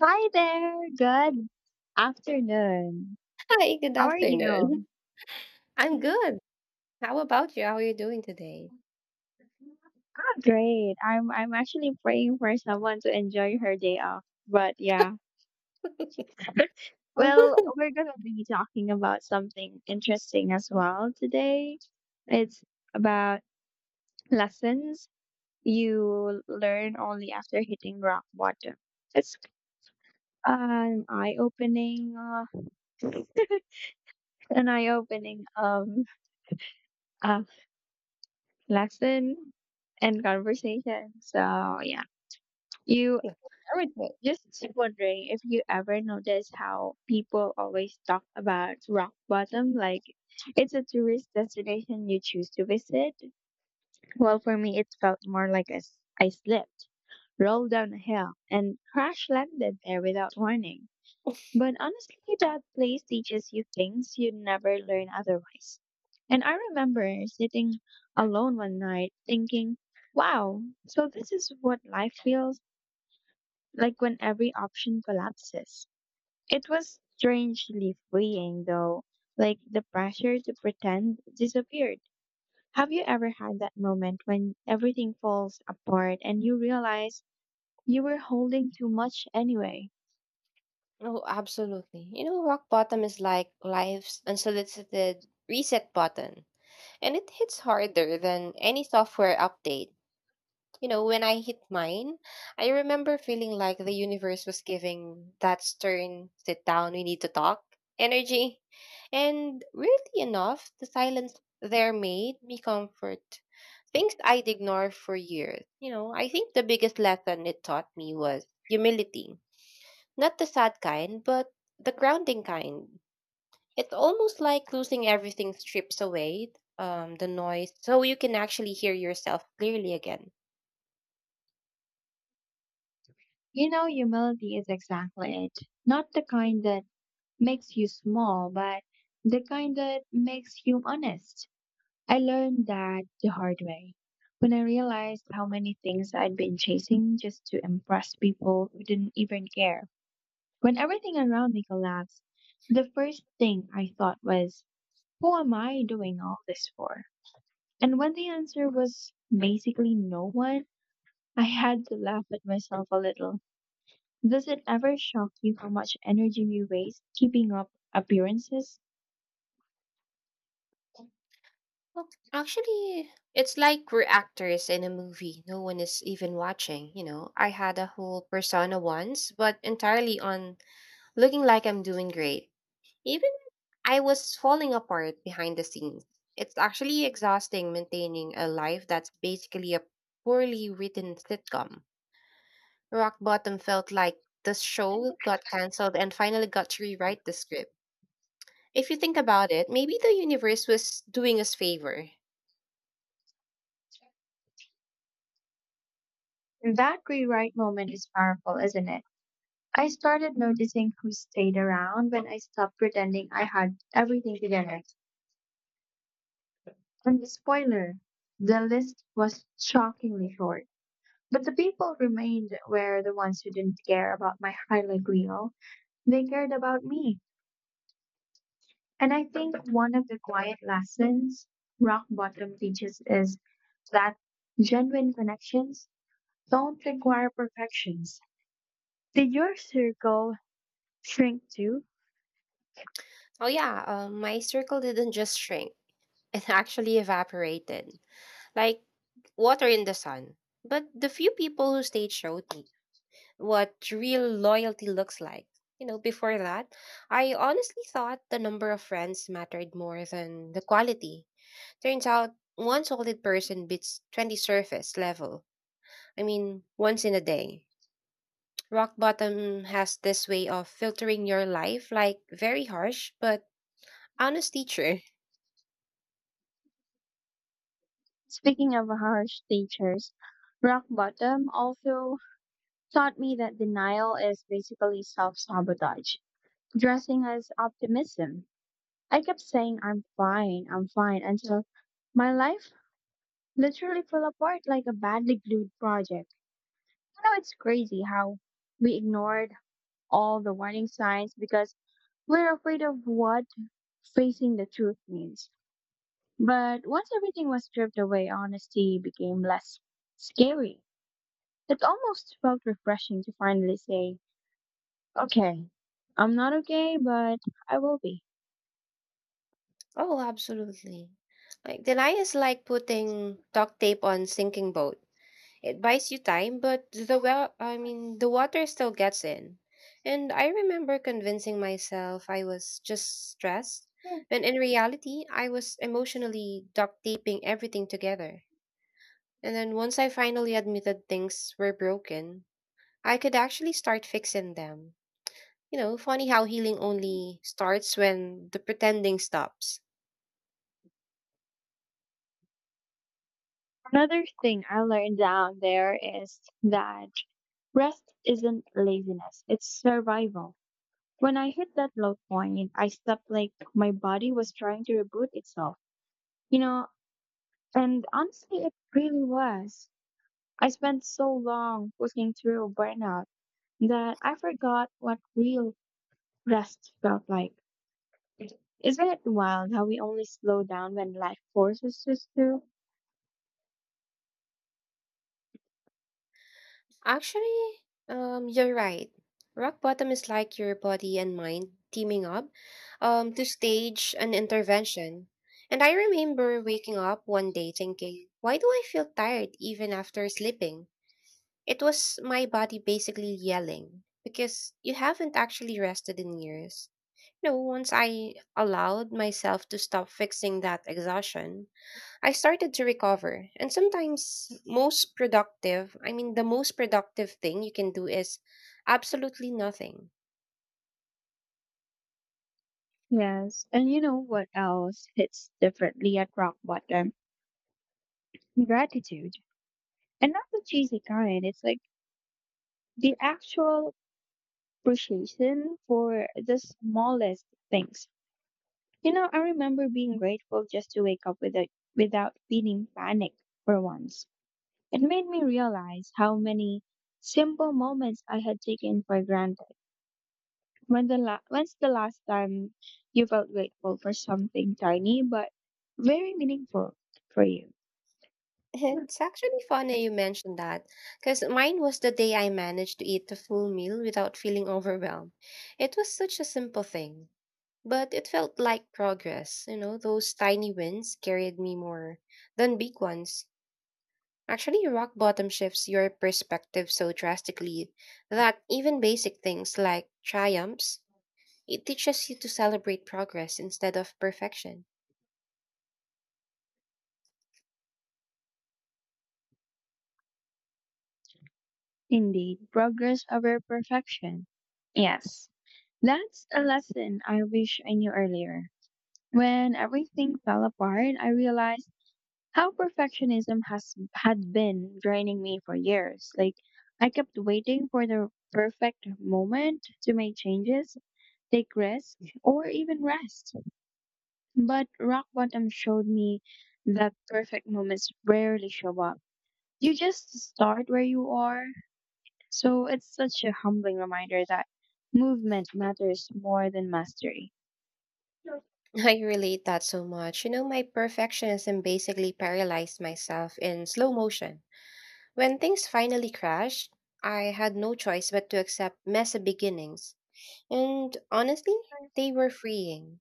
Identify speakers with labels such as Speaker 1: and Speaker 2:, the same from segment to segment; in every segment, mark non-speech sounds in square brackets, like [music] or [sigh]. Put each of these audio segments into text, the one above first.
Speaker 1: Hi there. Good afternoon.
Speaker 2: Hi, good
Speaker 1: How are you?
Speaker 2: afternoon. [laughs] I'm good. How about you? How are you doing today?
Speaker 1: Oh, great. I'm actually praying for someone to enjoy her day off. But yeah.
Speaker 2: [laughs]
Speaker 1: Well,
Speaker 2: Mhm.
Speaker 1: we're gonna be talking about something interesting as well today. It's about lessons you learn only after hitting rock bottom. It's an an eye-opening uh, lesson and conversation. So yeah. You
Speaker 2: Everything.
Speaker 1: just wondering if you ever notice how people always talk about rock bottom like it's a tourist destination you choose to visit. Well, for me, it felt more like I slipped, rolled down a hill, and crash landed there without warning. But honestly, that place teaches you things you'd never learn otherwise. And I remember sitting alone one night thinking, wow, so this is what life feels like when every option collapses. It was strangely freeing, though, like the pressure to pretend disappeared. Have you ever had that moment when everything falls apart and you realize you were holding too much anyway?
Speaker 2: Oh, absolutely. You know, rock bottom is like life's unsolicited reset button, and it hits harder than any software update. You know, when I hit mine, I remember feeling like the universe was giving that stern, sit down, we need to talk energy. And weirdly enough, the silence there made me comfort things I'd ignored for years. You know, I think the biggest lesson it taught me was humility. Not the sad kind, but the grounding kind. It's almost like losing everything strips away the noise so you can actually hear yourself clearly again.
Speaker 1: You know, humility is exactly it. Not the kind that makes you small, but the kind that makes you honest. I learned that the hard way, when I realized how many things I'd been chasing just to impress people who didn't even care. When everything around me collapsed, the first thing I thought was, who am I doing all this for? And when the answer was basically no one, I had to laugh at myself a little. Does it ever shock you how much energy we waste keeping up appearances?
Speaker 2: Well, actually, it's like we're actors in a movie. No one is even watching, you know. I had a whole persona once, but entirely on looking like I'm doing great. Even I was falling apart behind the scenes. It's actually exhausting maintaining a life that's basically a poorly written sitcom. Rock Bottom felt like the show got cancelled and finally got to rewrite the script. If you think about it, maybe the universe was doing us favor.
Speaker 1: That rewrite moment is powerful, isn't it? I started noticing who stayed around when I stopped pretending I had everything together. And the spoiler, the list was shockingly short. But the people remained were the ones who didn't care about my highlight reel. They cared about me. And I think one of the quiet lessons rock bottom teaches is that genuine connections don't require perfections. Did your circle shrink too?
Speaker 2: Oh yeah, my circle didn't just shrink; [laughs] it actually evaporated, like water in the sun. But the few people who stayed showed me what real loyalty looks like. You know, before that, I honestly thought the number of friends mattered more than the quality. Turns out, one solid person beats 20 surface level. I mean, once in a day. Rock bottom has this way of filtering your life, like very harsh but honest teacher.
Speaker 1: Speaking of harsh teachers, rock bottom also taught me that denial is basically self sabotage, dressing as optimism. I kept saying, I'm fine, until my life literally fell apart like a badly glued project. You know, it's crazy how we ignored all the warning signs because we're afraid of what facing the truth means. But once everything was stripped away, honesty became less scary. It almost felt refreshing to finally say, okay, I'm not okay, but I will be.
Speaker 2: Oh, absolutely. Like denial is like putting duct tape on sinking boat. It buys you time, but I mean, the water still gets in. And I remember convincing myself I was just stressed, when in reality, I was emotionally duct taping everything together. And then once I finally admitted things were broken, I could actually start fixing them. You know, funny how healing only starts when the pretending stops.
Speaker 1: Another thing I learned down there is that rest isn't laziness, it's survival. When I hit that low point, I slept like my body was trying to reboot itself, you know, and honestly, it really was. I spent so long pushing through burnout that I forgot what real rest felt like. Isn't it wild how we only slow down when life forces us to?
Speaker 2: Actually, you're right. Rock bottom is like your body and mind teaming up to stage an intervention. And I remember waking up one day thinking, why do I feel tired even after sleeping? It was my body basically yelling because you haven't actually rested in years. You know, once I allowed myself to stop fixing that exhaustion, I started to recover. And I mean the most productive thing you can do is absolutely nothing. [laughs]
Speaker 1: Yes, and you know what else hits differently at rock bottom? Gratitude. And not the cheesy kind, it's like the actual appreciation for the smallest things. You know, I remember being grateful just to wake up without feeling panic for once. It made me realize how many simple moments I had taken for granted. When's the last time you felt grateful for something tiny but very meaningful for you?
Speaker 2: It's actually funny you mentioned that because mine was the day I managed to eat a full meal without feeling overwhelmed. It was such a simple thing, but it felt like progress. You know, those tiny wins carried me more than big ones. Actually, rock bottom shifts your perspective so drastically that even basic things like triumphs. It teaches you to celebrate progress instead of perfection.
Speaker 1: Indeed, progress over perfection. Yes, that's a lesson I wish I knew earlier. When everything fell apart, I realized how perfectionism has had been draining me for years. Like I kept waiting for the perfect moment to make changes, take risks, or even rest. But rock bottom showed me that perfect moments rarely show up. You just start where you are, so it's such a humbling reminder that movement matters more than mastery.
Speaker 2: [laughs] I relate that so much. You know, my perfectionism basically paralyzed myself in slow motion. When things finally crashed, I had no choice but to accept messy beginnings. And honestly, they were freeing.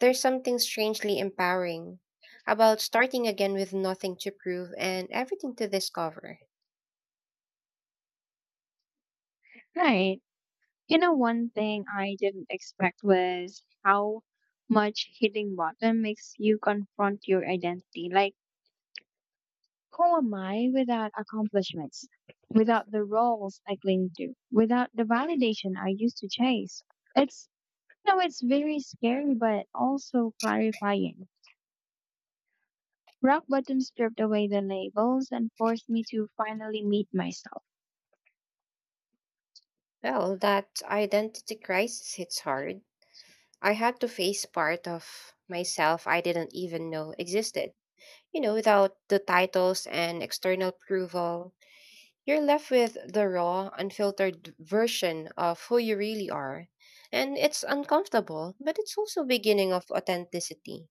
Speaker 2: There's something strangely empowering about starting again with nothing to prove and everything to discover.
Speaker 1: Right. You know, one thing I didn't expect was how much hitting bottom makes you confront your identity. Like, who am I without accomplishments, without the roles I cling to, without the validation I used to chase? It's no, It's very scary, but also clarifying. Rock Bottom stripped away the labels and forced me to finally meet myself.
Speaker 2: Well, that identity crisis hits hard. I had to face part of myself I didn't even know existed. You know, without the titles and external approval, you're left with the raw, unfiltered version of who you really are. And it's uncomfortable, but it's also beginning of authenticity.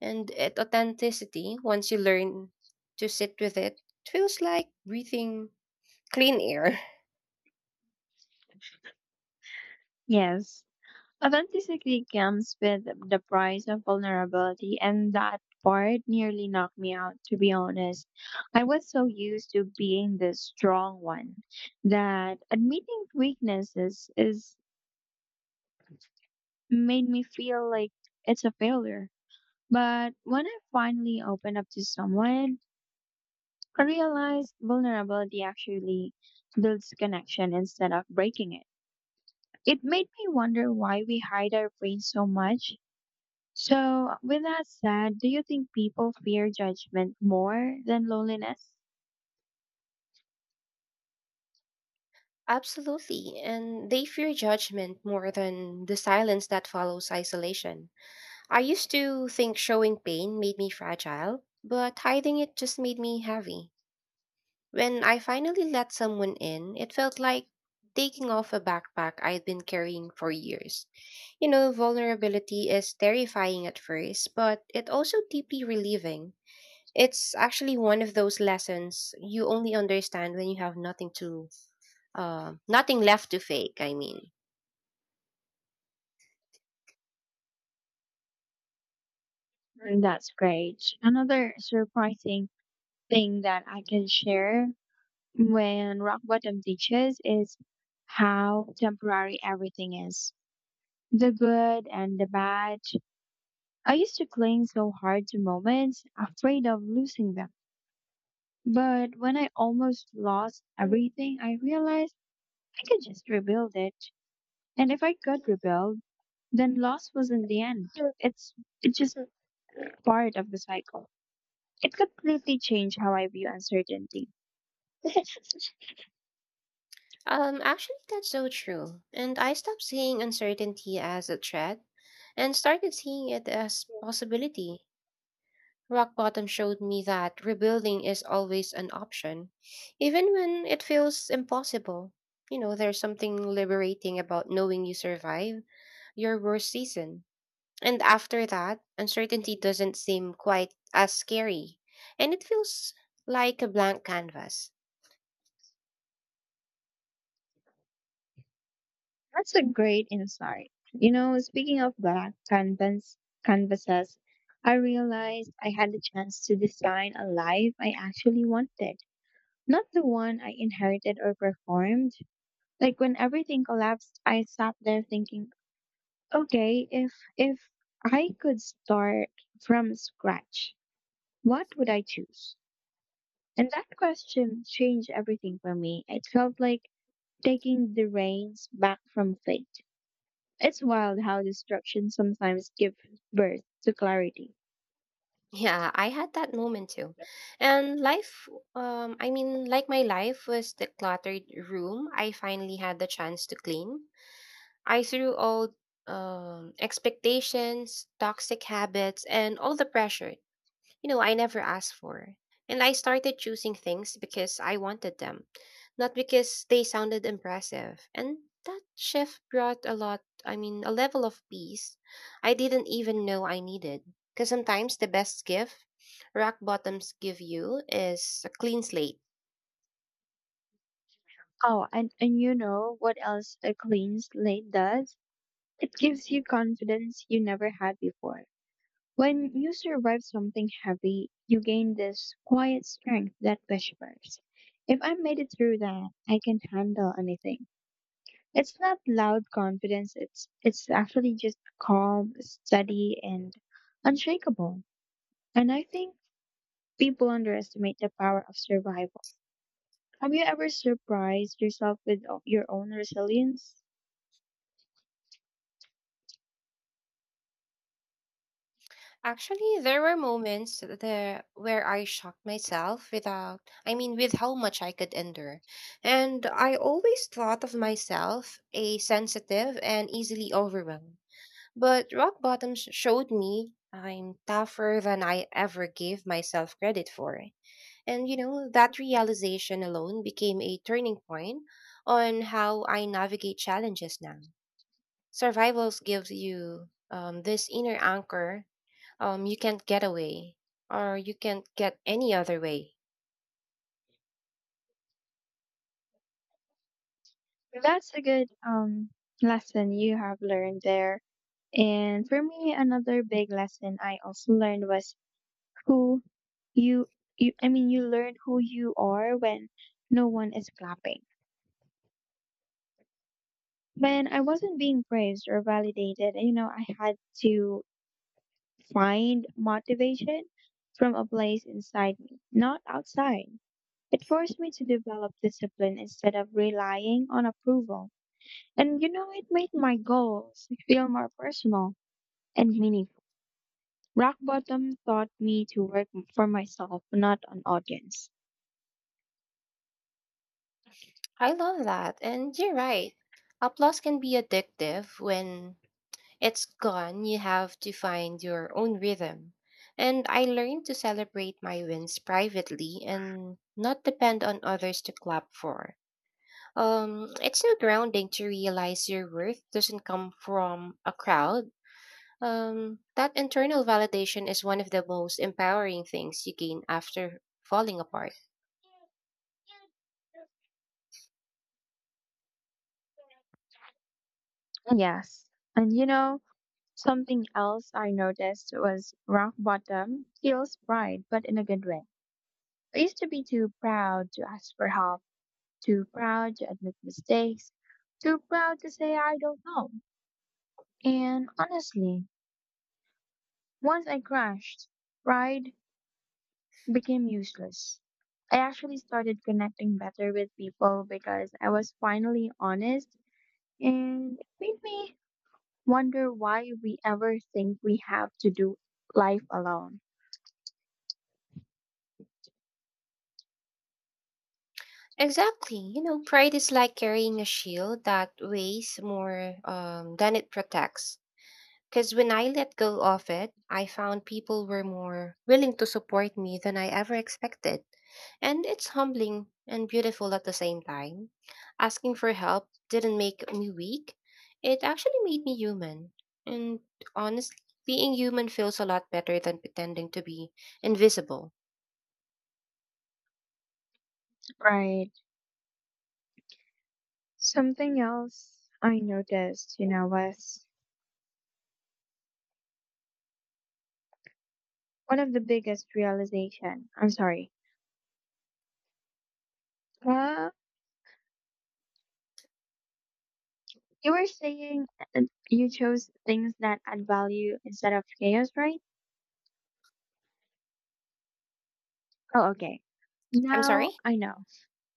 Speaker 2: And at authenticity, once you learn to sit with it, it feels like breathing clean air.
Speaker 1: Yes, authenticity comes with the price of vulnerability, and that part nearly knocked me out, to be honest. I was so used to being the strong one that admitting weaknesses is made me feel like it's a failure. But when I finally opened up to someone, I realized vulnerability actually builds connection instead of breaking it. It made me wonder why we hide our pain so much. So, with that said, do you think people fear judgment more than loneliness?
Speaker 2: [laughs] Absolutely. And they fear judgment more than the silence that follows isolation. I used to think showing pain made me fragile, but hiding it just made me heavy. When I finally let someone in, it felt like taking off a backpack I'd been carrying for years. You know, vulnerability is terrifying at first, but it also deeply relieving. It's actually one of those lessons you only understand when you have nothing left to fake, I mean.
Speaker 1: Mm, that's great. Another surprising thing that I can share when rock bottom teaches is how temporary everything is. The good and the bad, I used to cling so hard to moments, afraid of losing them. But when I almost lost everything, I realized I could just rebuild it. And if I could rebuild, then loss wasn't the end. It's it's just part of the cycle. It completely changed how I view uncertainty. [laughs] That's
Speaker 2: Actually, that's so true. And I stopped seeing uncertainty as a threat and started seeing it as possibility. Rock bottom showed me that rebuilding is always an option, even when it feels impossible. You know, there's something liberating about knowing you survive your worst season. And after that, uncertainty doesn't seem quite as scary, and it feels like a blank canvas. [laughs]
Speaker 1: a great insight. You know, speaking of black canvas canvases, I realized I had the chance to design a life I actually wanted. Not the one I inherited or performed. Like when everything collapsed, I sat there thinking, okay, if I could start from scratch, what would I choose? And that question changed everything for me. It felt like taking the reins back from fate. It's wild how destruction sometimes gives birth to clarity.
Speaker 2: Yeah, I had that moment too. And I mean, like my life was the cluttered room I finally had the chance to clean. I threw old expectations, toxic habits, and all the pressure, you know, I never asked for. And I started choosing things because I wanted them, not because they sounded impressive. And that shift brought a lot, I mean, a level of peace I didn't even know I needed. Because sometimes the best gift rock bottoms give you is a clean slate.
Speaker 1: Oh, and you know what else a clean slate does? It gives you confidence you never had before. When you survive something heavy, you gain this quiet strength that whispers, if I made it through that, I can handle anything. It's not loud confidence, it's actually just calm, steady, and unshakable. And I think people underestimate the power of survival. Have you ever surprised yourself with your own resilience?
Speaker 2: Actually, there were moments there where I shocked myself without, I mean, with how much I could endure. And I always thought of myself a sensitive and easily overwhelmed. But rock bottom showed me I'm tougher than I ever gave myself credit for. And you know, that realization alone became a turning point on how I navigate challenges now. Survivals gives you this inner anchor you can't get away, or you can't get any other way.
Speaker 1: That's a good lesson you have learned there. And for me, another big lesson I also learned was who you you I mean you learn who you are when no one is clapping. When I wasn't being praised or validated, you know, I had to find motivation from a place inside me, not outside. It forced me to develop discipline instead of relying on approval. And you know, it made my goals feel more personal and meaningful. Rock bottom taught me to work for myself, not an audience.
Speaker 2: I love that, and you're right. Applause can be addictive. When it's gone, you have to find your own rhythm. And I learned to celebrate my wins privately and not depend on others to clap for. It's so grounding to realize your worth doesn't come from a crowd. That internal validation is one of the most empowering things you gain after falling apart.
Speaker 1: Yes. And you know, something else I noticed was rock bottom feels pride, but in a good way. I used to be too proud to ask for help, too proud to admit mistakes, too proud to say I don't know. And honestly, once I crashed, pride became useless. I actually started connecting better with people because I was finally honest, and it made me wonder why we ever think we have to do life alone.
Speaker 2: Exactly. You know, pride is like carrying a shield that weighs more than it protects. Because when I let go of it, I found people were more willing to support me than I ever expected. And it's humbling and beautiful at the same time. Asking for help didn't make me weak, it actually made me human. And honestly, being human feels a lot better than pretending to be invisible.
Speaker 1: Right. Something else I noticed, you know, was one of the biggest realization. I'm sorry. Well, you were saying uh, you chose things that add value instead of chaos, right? Oh, okay.
Speaker 2: I'm sorry?
Speaker 1: Now I know.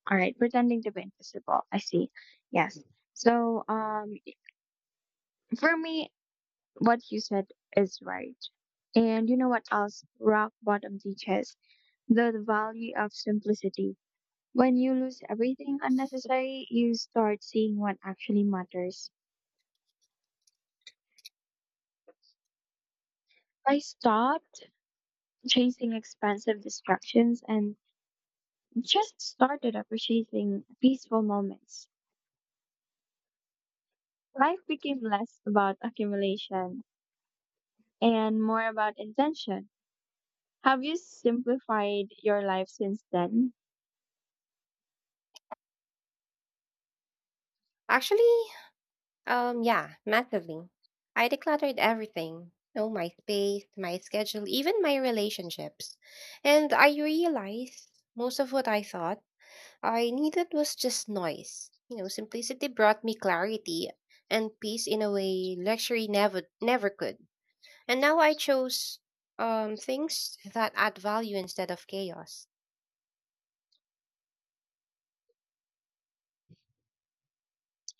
Speaker 1: All right, pretending to be invisible. I see. Yes. So, for me, what you said is right. And you know what else rock bottom teaches? The value of simplicity. When you lose everything unnecessary, you start seeing what actually matters. I stopped chasing expensive distractions and just started appreciating peaceful moments. Life became less about accumulation and more about intention. Have you simplified your life since then?
Speaker 2: Actually, yeah, massively. I decluttered everything. No, my space, my schedule, even my relationships. And I realized most of what I thought I needed was just noise. You know, simplicity brought me clarity and peace in a way luxury never could. And now I chose things that add value instead of chaos.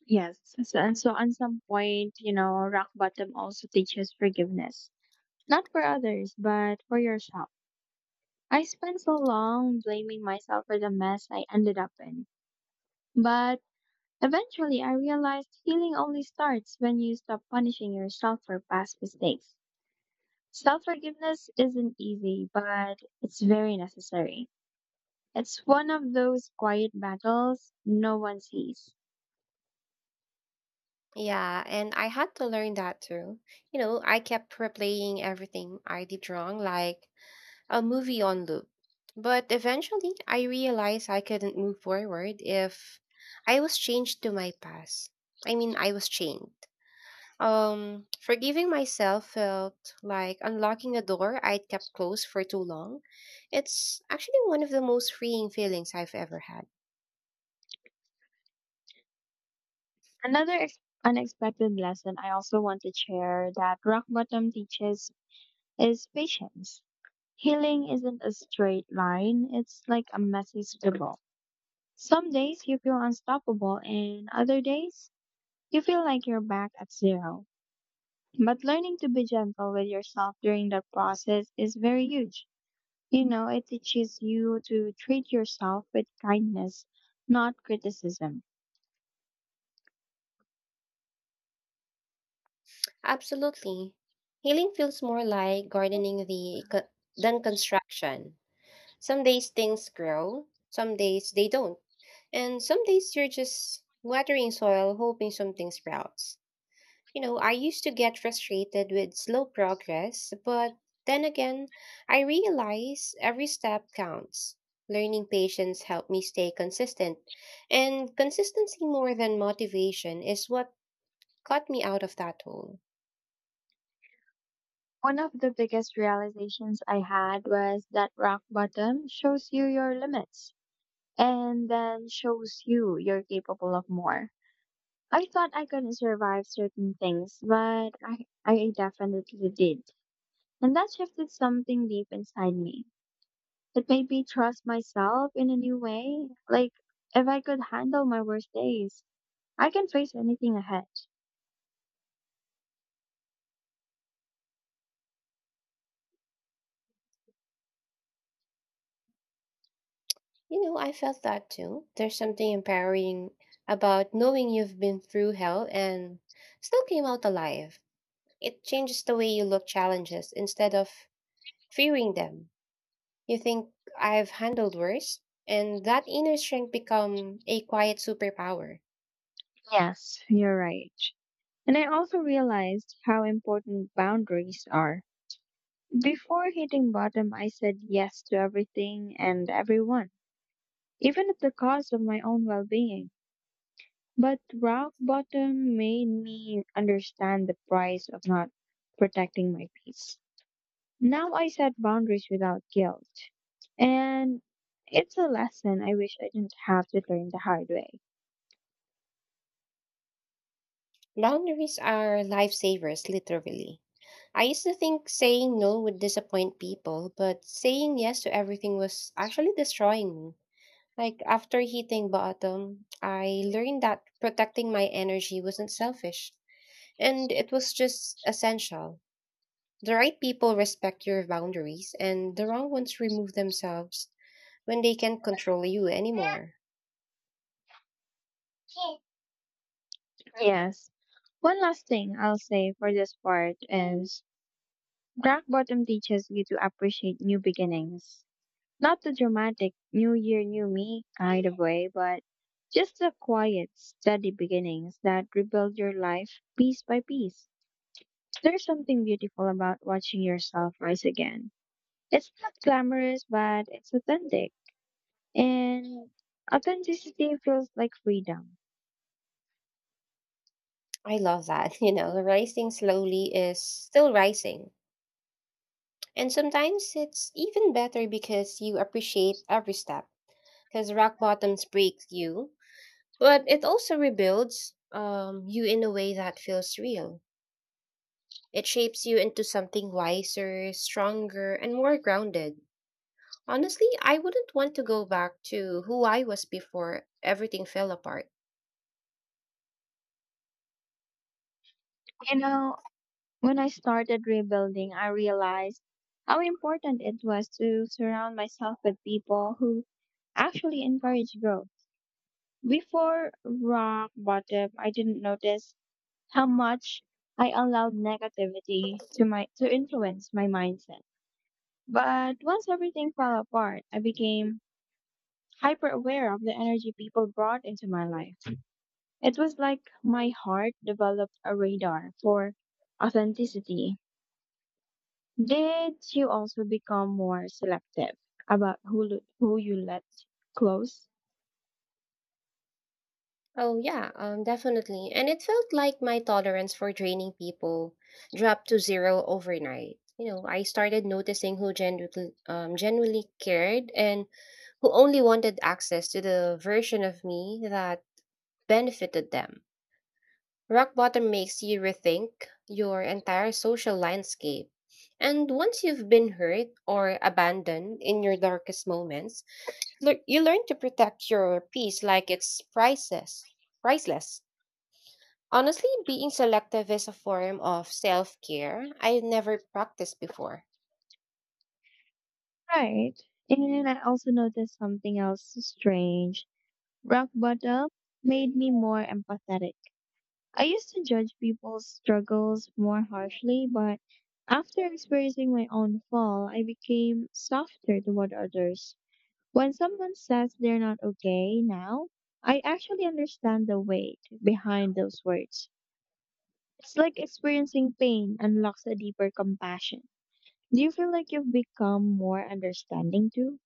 Speaker 1: Yes. So, and so, at some point, you know, rock bottom also teaches forgiveness. Not for others, but for yourself. I spent so long blaming myself for the mess I ended up in. But eventually I realized healing only starts when you stop punishing yourself for past mistakes. Self forgiveness isn't easy, but it's very necessary. It's one of those quiet battles no one sees.
Speaker 2: Yeah, and I had to learn that too. You know, I kept replaying everything I did wrong, like a movie on loop. But eventually, I realized I couldn't move forward if I was changed to my past. I mean, I was chained. Forgiving myself felt like unlocking a door I'd kept closed for too long. It's actually one of the most freeing feelings I've ever had.
Speaker 1: Another ex- unexpected lesson I also want to share that rock bottom teaches is patience. Healing isn't a straight line, it's like a messy scribble. Some days you feel unstoppable, and other days you feel like you're back at zero. But learning to be gentle with yourself during that process is very huge. You know, it teaches you to treat yourself with kindness, not criticism.
Speaker 2: Absolutely. Healing feels more like than construction. Some days things grow, some days they don't. And some days you're just watering soil hoping something sprouts. You know, I used to get frustrated with slow progress, but then again, I realize every step counts. Learning patience helped me stay consistent, and consistency more than motivation is what got me out of that hole.
Speaker 1: One of the biggest realizations I had was that rock bottom shows you your limits and then shows you you're capable of more. I thought I couldn't survive certain things, but I definitely did. And that shifted something deep inside me. It made me trust myself in a new way. Like, if I could handle my worst days, I can face anything ahead.
Speaker 2: You know, I felt that too. There's something empowering about knowing you've been through hell and still came out alive. It changes the way you look challenges instead of fearing them. You think I've handled worse? And that inner strength become a quiet superpower.
Speaker 1: Yes, you're right. And I also realized how important boundaries are. Before hitting bottom, I said yes to everything and everyone, even at the cost of my own well being. But rock bottom made me understand the price of not protecting my peace. Now I set boundaries without guilt. And it's a lesson I wish I didn't have to learn the hard way.
Speaker 2: Boundaries are lifesavers, literally. I used to think saying no would disappoint people, but saying yes to everything was actually destroying me. Like after hitting bottom, I learned that protecting my energy wasn't selfish, and it was just essential. The right people respect your boundaries, and the wrong ones remove themselves when they can't control you anymore.
Speaker 1: Yes. One last thing I'll say for this part is rock bottom teaches you to appreciate new beginnings. Not the dramatic new year, new me kind of way, but just the quiet, steady beginnings that rebuild your life piece by piece. There's something beautiful about watching yourself rise again. It's not glamorous, but it's authentic. And authenticity feels like freedom.
Speaker 2: I love that. [laughs] You know, rising slowly is still rising. And sometimes it's even better because you appreciate every step. Because rock bottoms breaks you, but it also rebuilds you in a way that feels real. It shapes you into something wiser, stronger, and more grounded. Honestly, I wouldn't want to go back to who I was before everything fell apart.
Speaker 1: You know, when I started rebuilding, I realized how important it was to surround myself with people who actually encourage growth. Before rock bottom, I didn't notice how much I allowed negativity to influence my mindset. But once everything fell apart, I became hyper aware of the energy people brought into my life. It was like my heart developed a radar for authenticity. Did you also become more selective about who you let close?
Speaker 2: Oh yeah, definitely. And it felt like my tolerance for draining people dropped to zero overnight. You know, I started noticing who genuinely cared and who only wanted access to the version of me that benefited them. Rock bottom makes you rethink your entire social landscape. And once you've been hurt or abandoned in your darkest moments, you learn to protect your peace like it's priceless. Priceless. Honestly, being selective is a form of self care I never practiced before.
Speaker 1: Right. And I also noticed something else strange. Rock bottom made me more empathetic. I used to judge people's struggles more harshly, but after experiencing my own fall, I became softer toward others. When someone says they're not okay now, I actually understand the weight behind those words. It's like experiencing pain unlocks a deeper compassion. Do you feel like you've become more understanding too?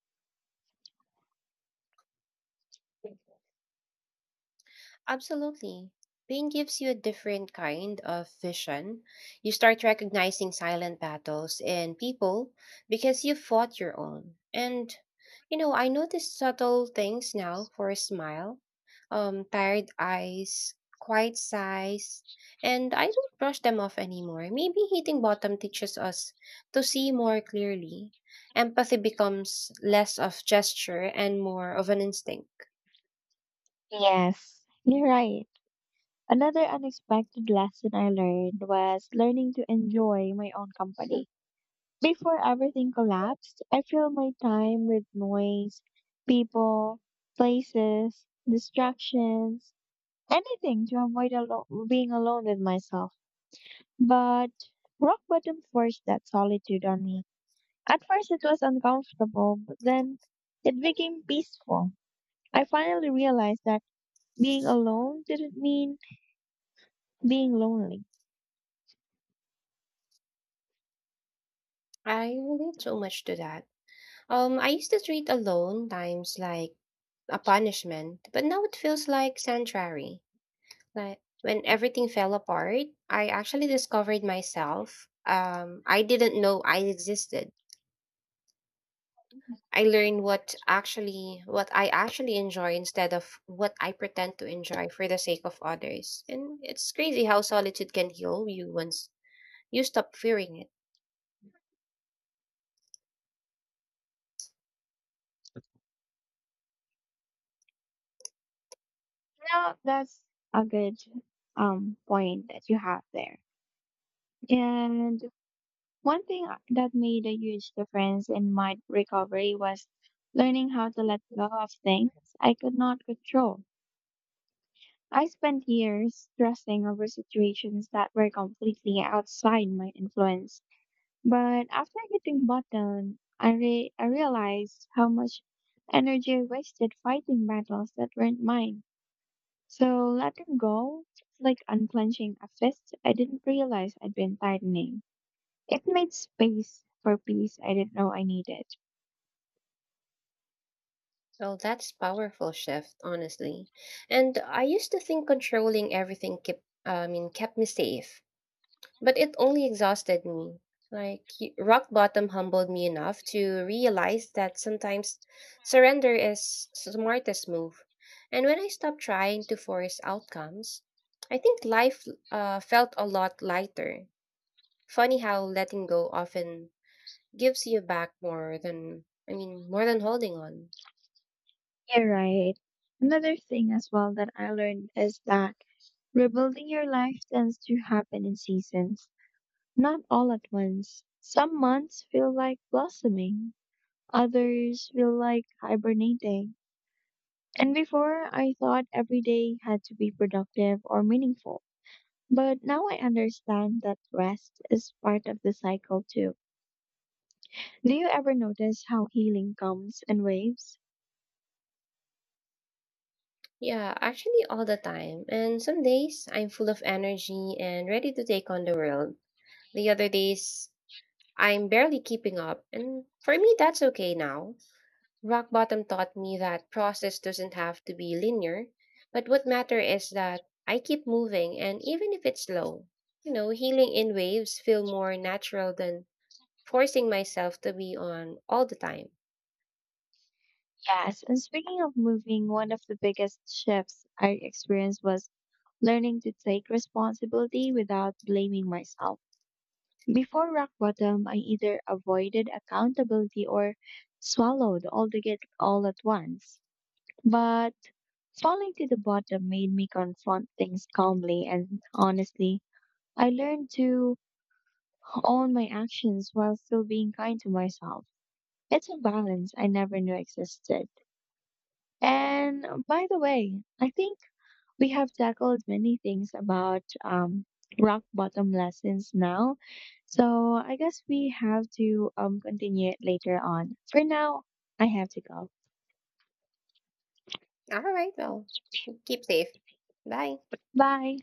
Speaker 2: Absolutely. Pain gives you a different kind of vision. You start recognizing silent battles in people because you fought your own. And, you know, I notice subtle things now for a smile, tired eyes, quiet sighs, and I don't brush them off anymore. Maybe hitting bottom teaches us to see more clearly. Empathy becomes less of gesture and more of an instinct.
Speaker 1: Yes, you're right. Another unexpected lesson I learned was learning to enjoy my own company. Before everything collapsed, I filled my time with noise, people, places, distractions, anything to being alone with myself. But rock bottom forced that solitude on me. At first, it was uncomfortable, but then it became peaceful. I finally realized that being alone didn't mean being lonely.
Speaker 2: I relate so much to that. I used to treat alone times like a punishment, but now it feels like sanctuary. Like when everything fell apart, I actually discovered myself. I didn't know I existed. I learned what I actually enjoy instead of what I pretend to enjoy for the sake of others. And it's crazy how solitude can heal you once you stop fearing it.
Speaker 1: Now, that's a good point that you have there. And that made a huge difference in my recovery was learning how to let go of things I could not control. I spent years stressing over situations that were completely outside my influence. But after hitting bottom, I realized how much energy I wasted fighting battles that weren't mine. So letting go, it's like unclenching a fist I didn't realize I'd been tightening. It made space for peace I didn't know I needed.
Speaker 2: Well, that's powerful shift, honestly. And I used to think I mean, kept me safe, but it only exhausted me. Like rock bottom humbled me enough to realize that sometimes surrender is smartest move. And when I stopped trying to force outcomes, I think life felt a lot lighter. Funny how letting go often gives you back more than, I mean, more than holding on.
Speaker 1: You're right. Another thing as well that I learned is that rebuilding your life tends to happen in seasons, not all at once. Some months feel like blossoming, others feel like hibernating. And before, I thought every day had to be productive or meaningful. But now I understand that rest is part of the cycle too. Do you ever notice how healing comes in waves?
Speaker 2: Yeah, actually, all the time. And some days I'm full of energy and ready to take on the world. The other days, I'm barely keeping up. And for me, that's okay now. Rock bottom taught me that process doesn't have to be linear, but what matter is that I keep moving and even if it's slow. You know, healing in waves feel more natural than forcing myself to be on all the time.
Speaker 1: Yes, and speaking of moving, one of the biggest shifts I experienced was learning to take responsibility without blaming myself. Before rock bottom, I either avoided accountability or swallowed all the guilt all at once. But falling to the bottom made me confront things calmly and honestly. I learned to own my actions while still being kind to myself. It's a balance I never knew existed. And by the way, I think we have tackled many things about rock bottom lessons now. So I guess we have to continue it later on. For now, I have to go.
Speaker 2: All right, well, keep safe. Bye.
Speaker 1: Bye.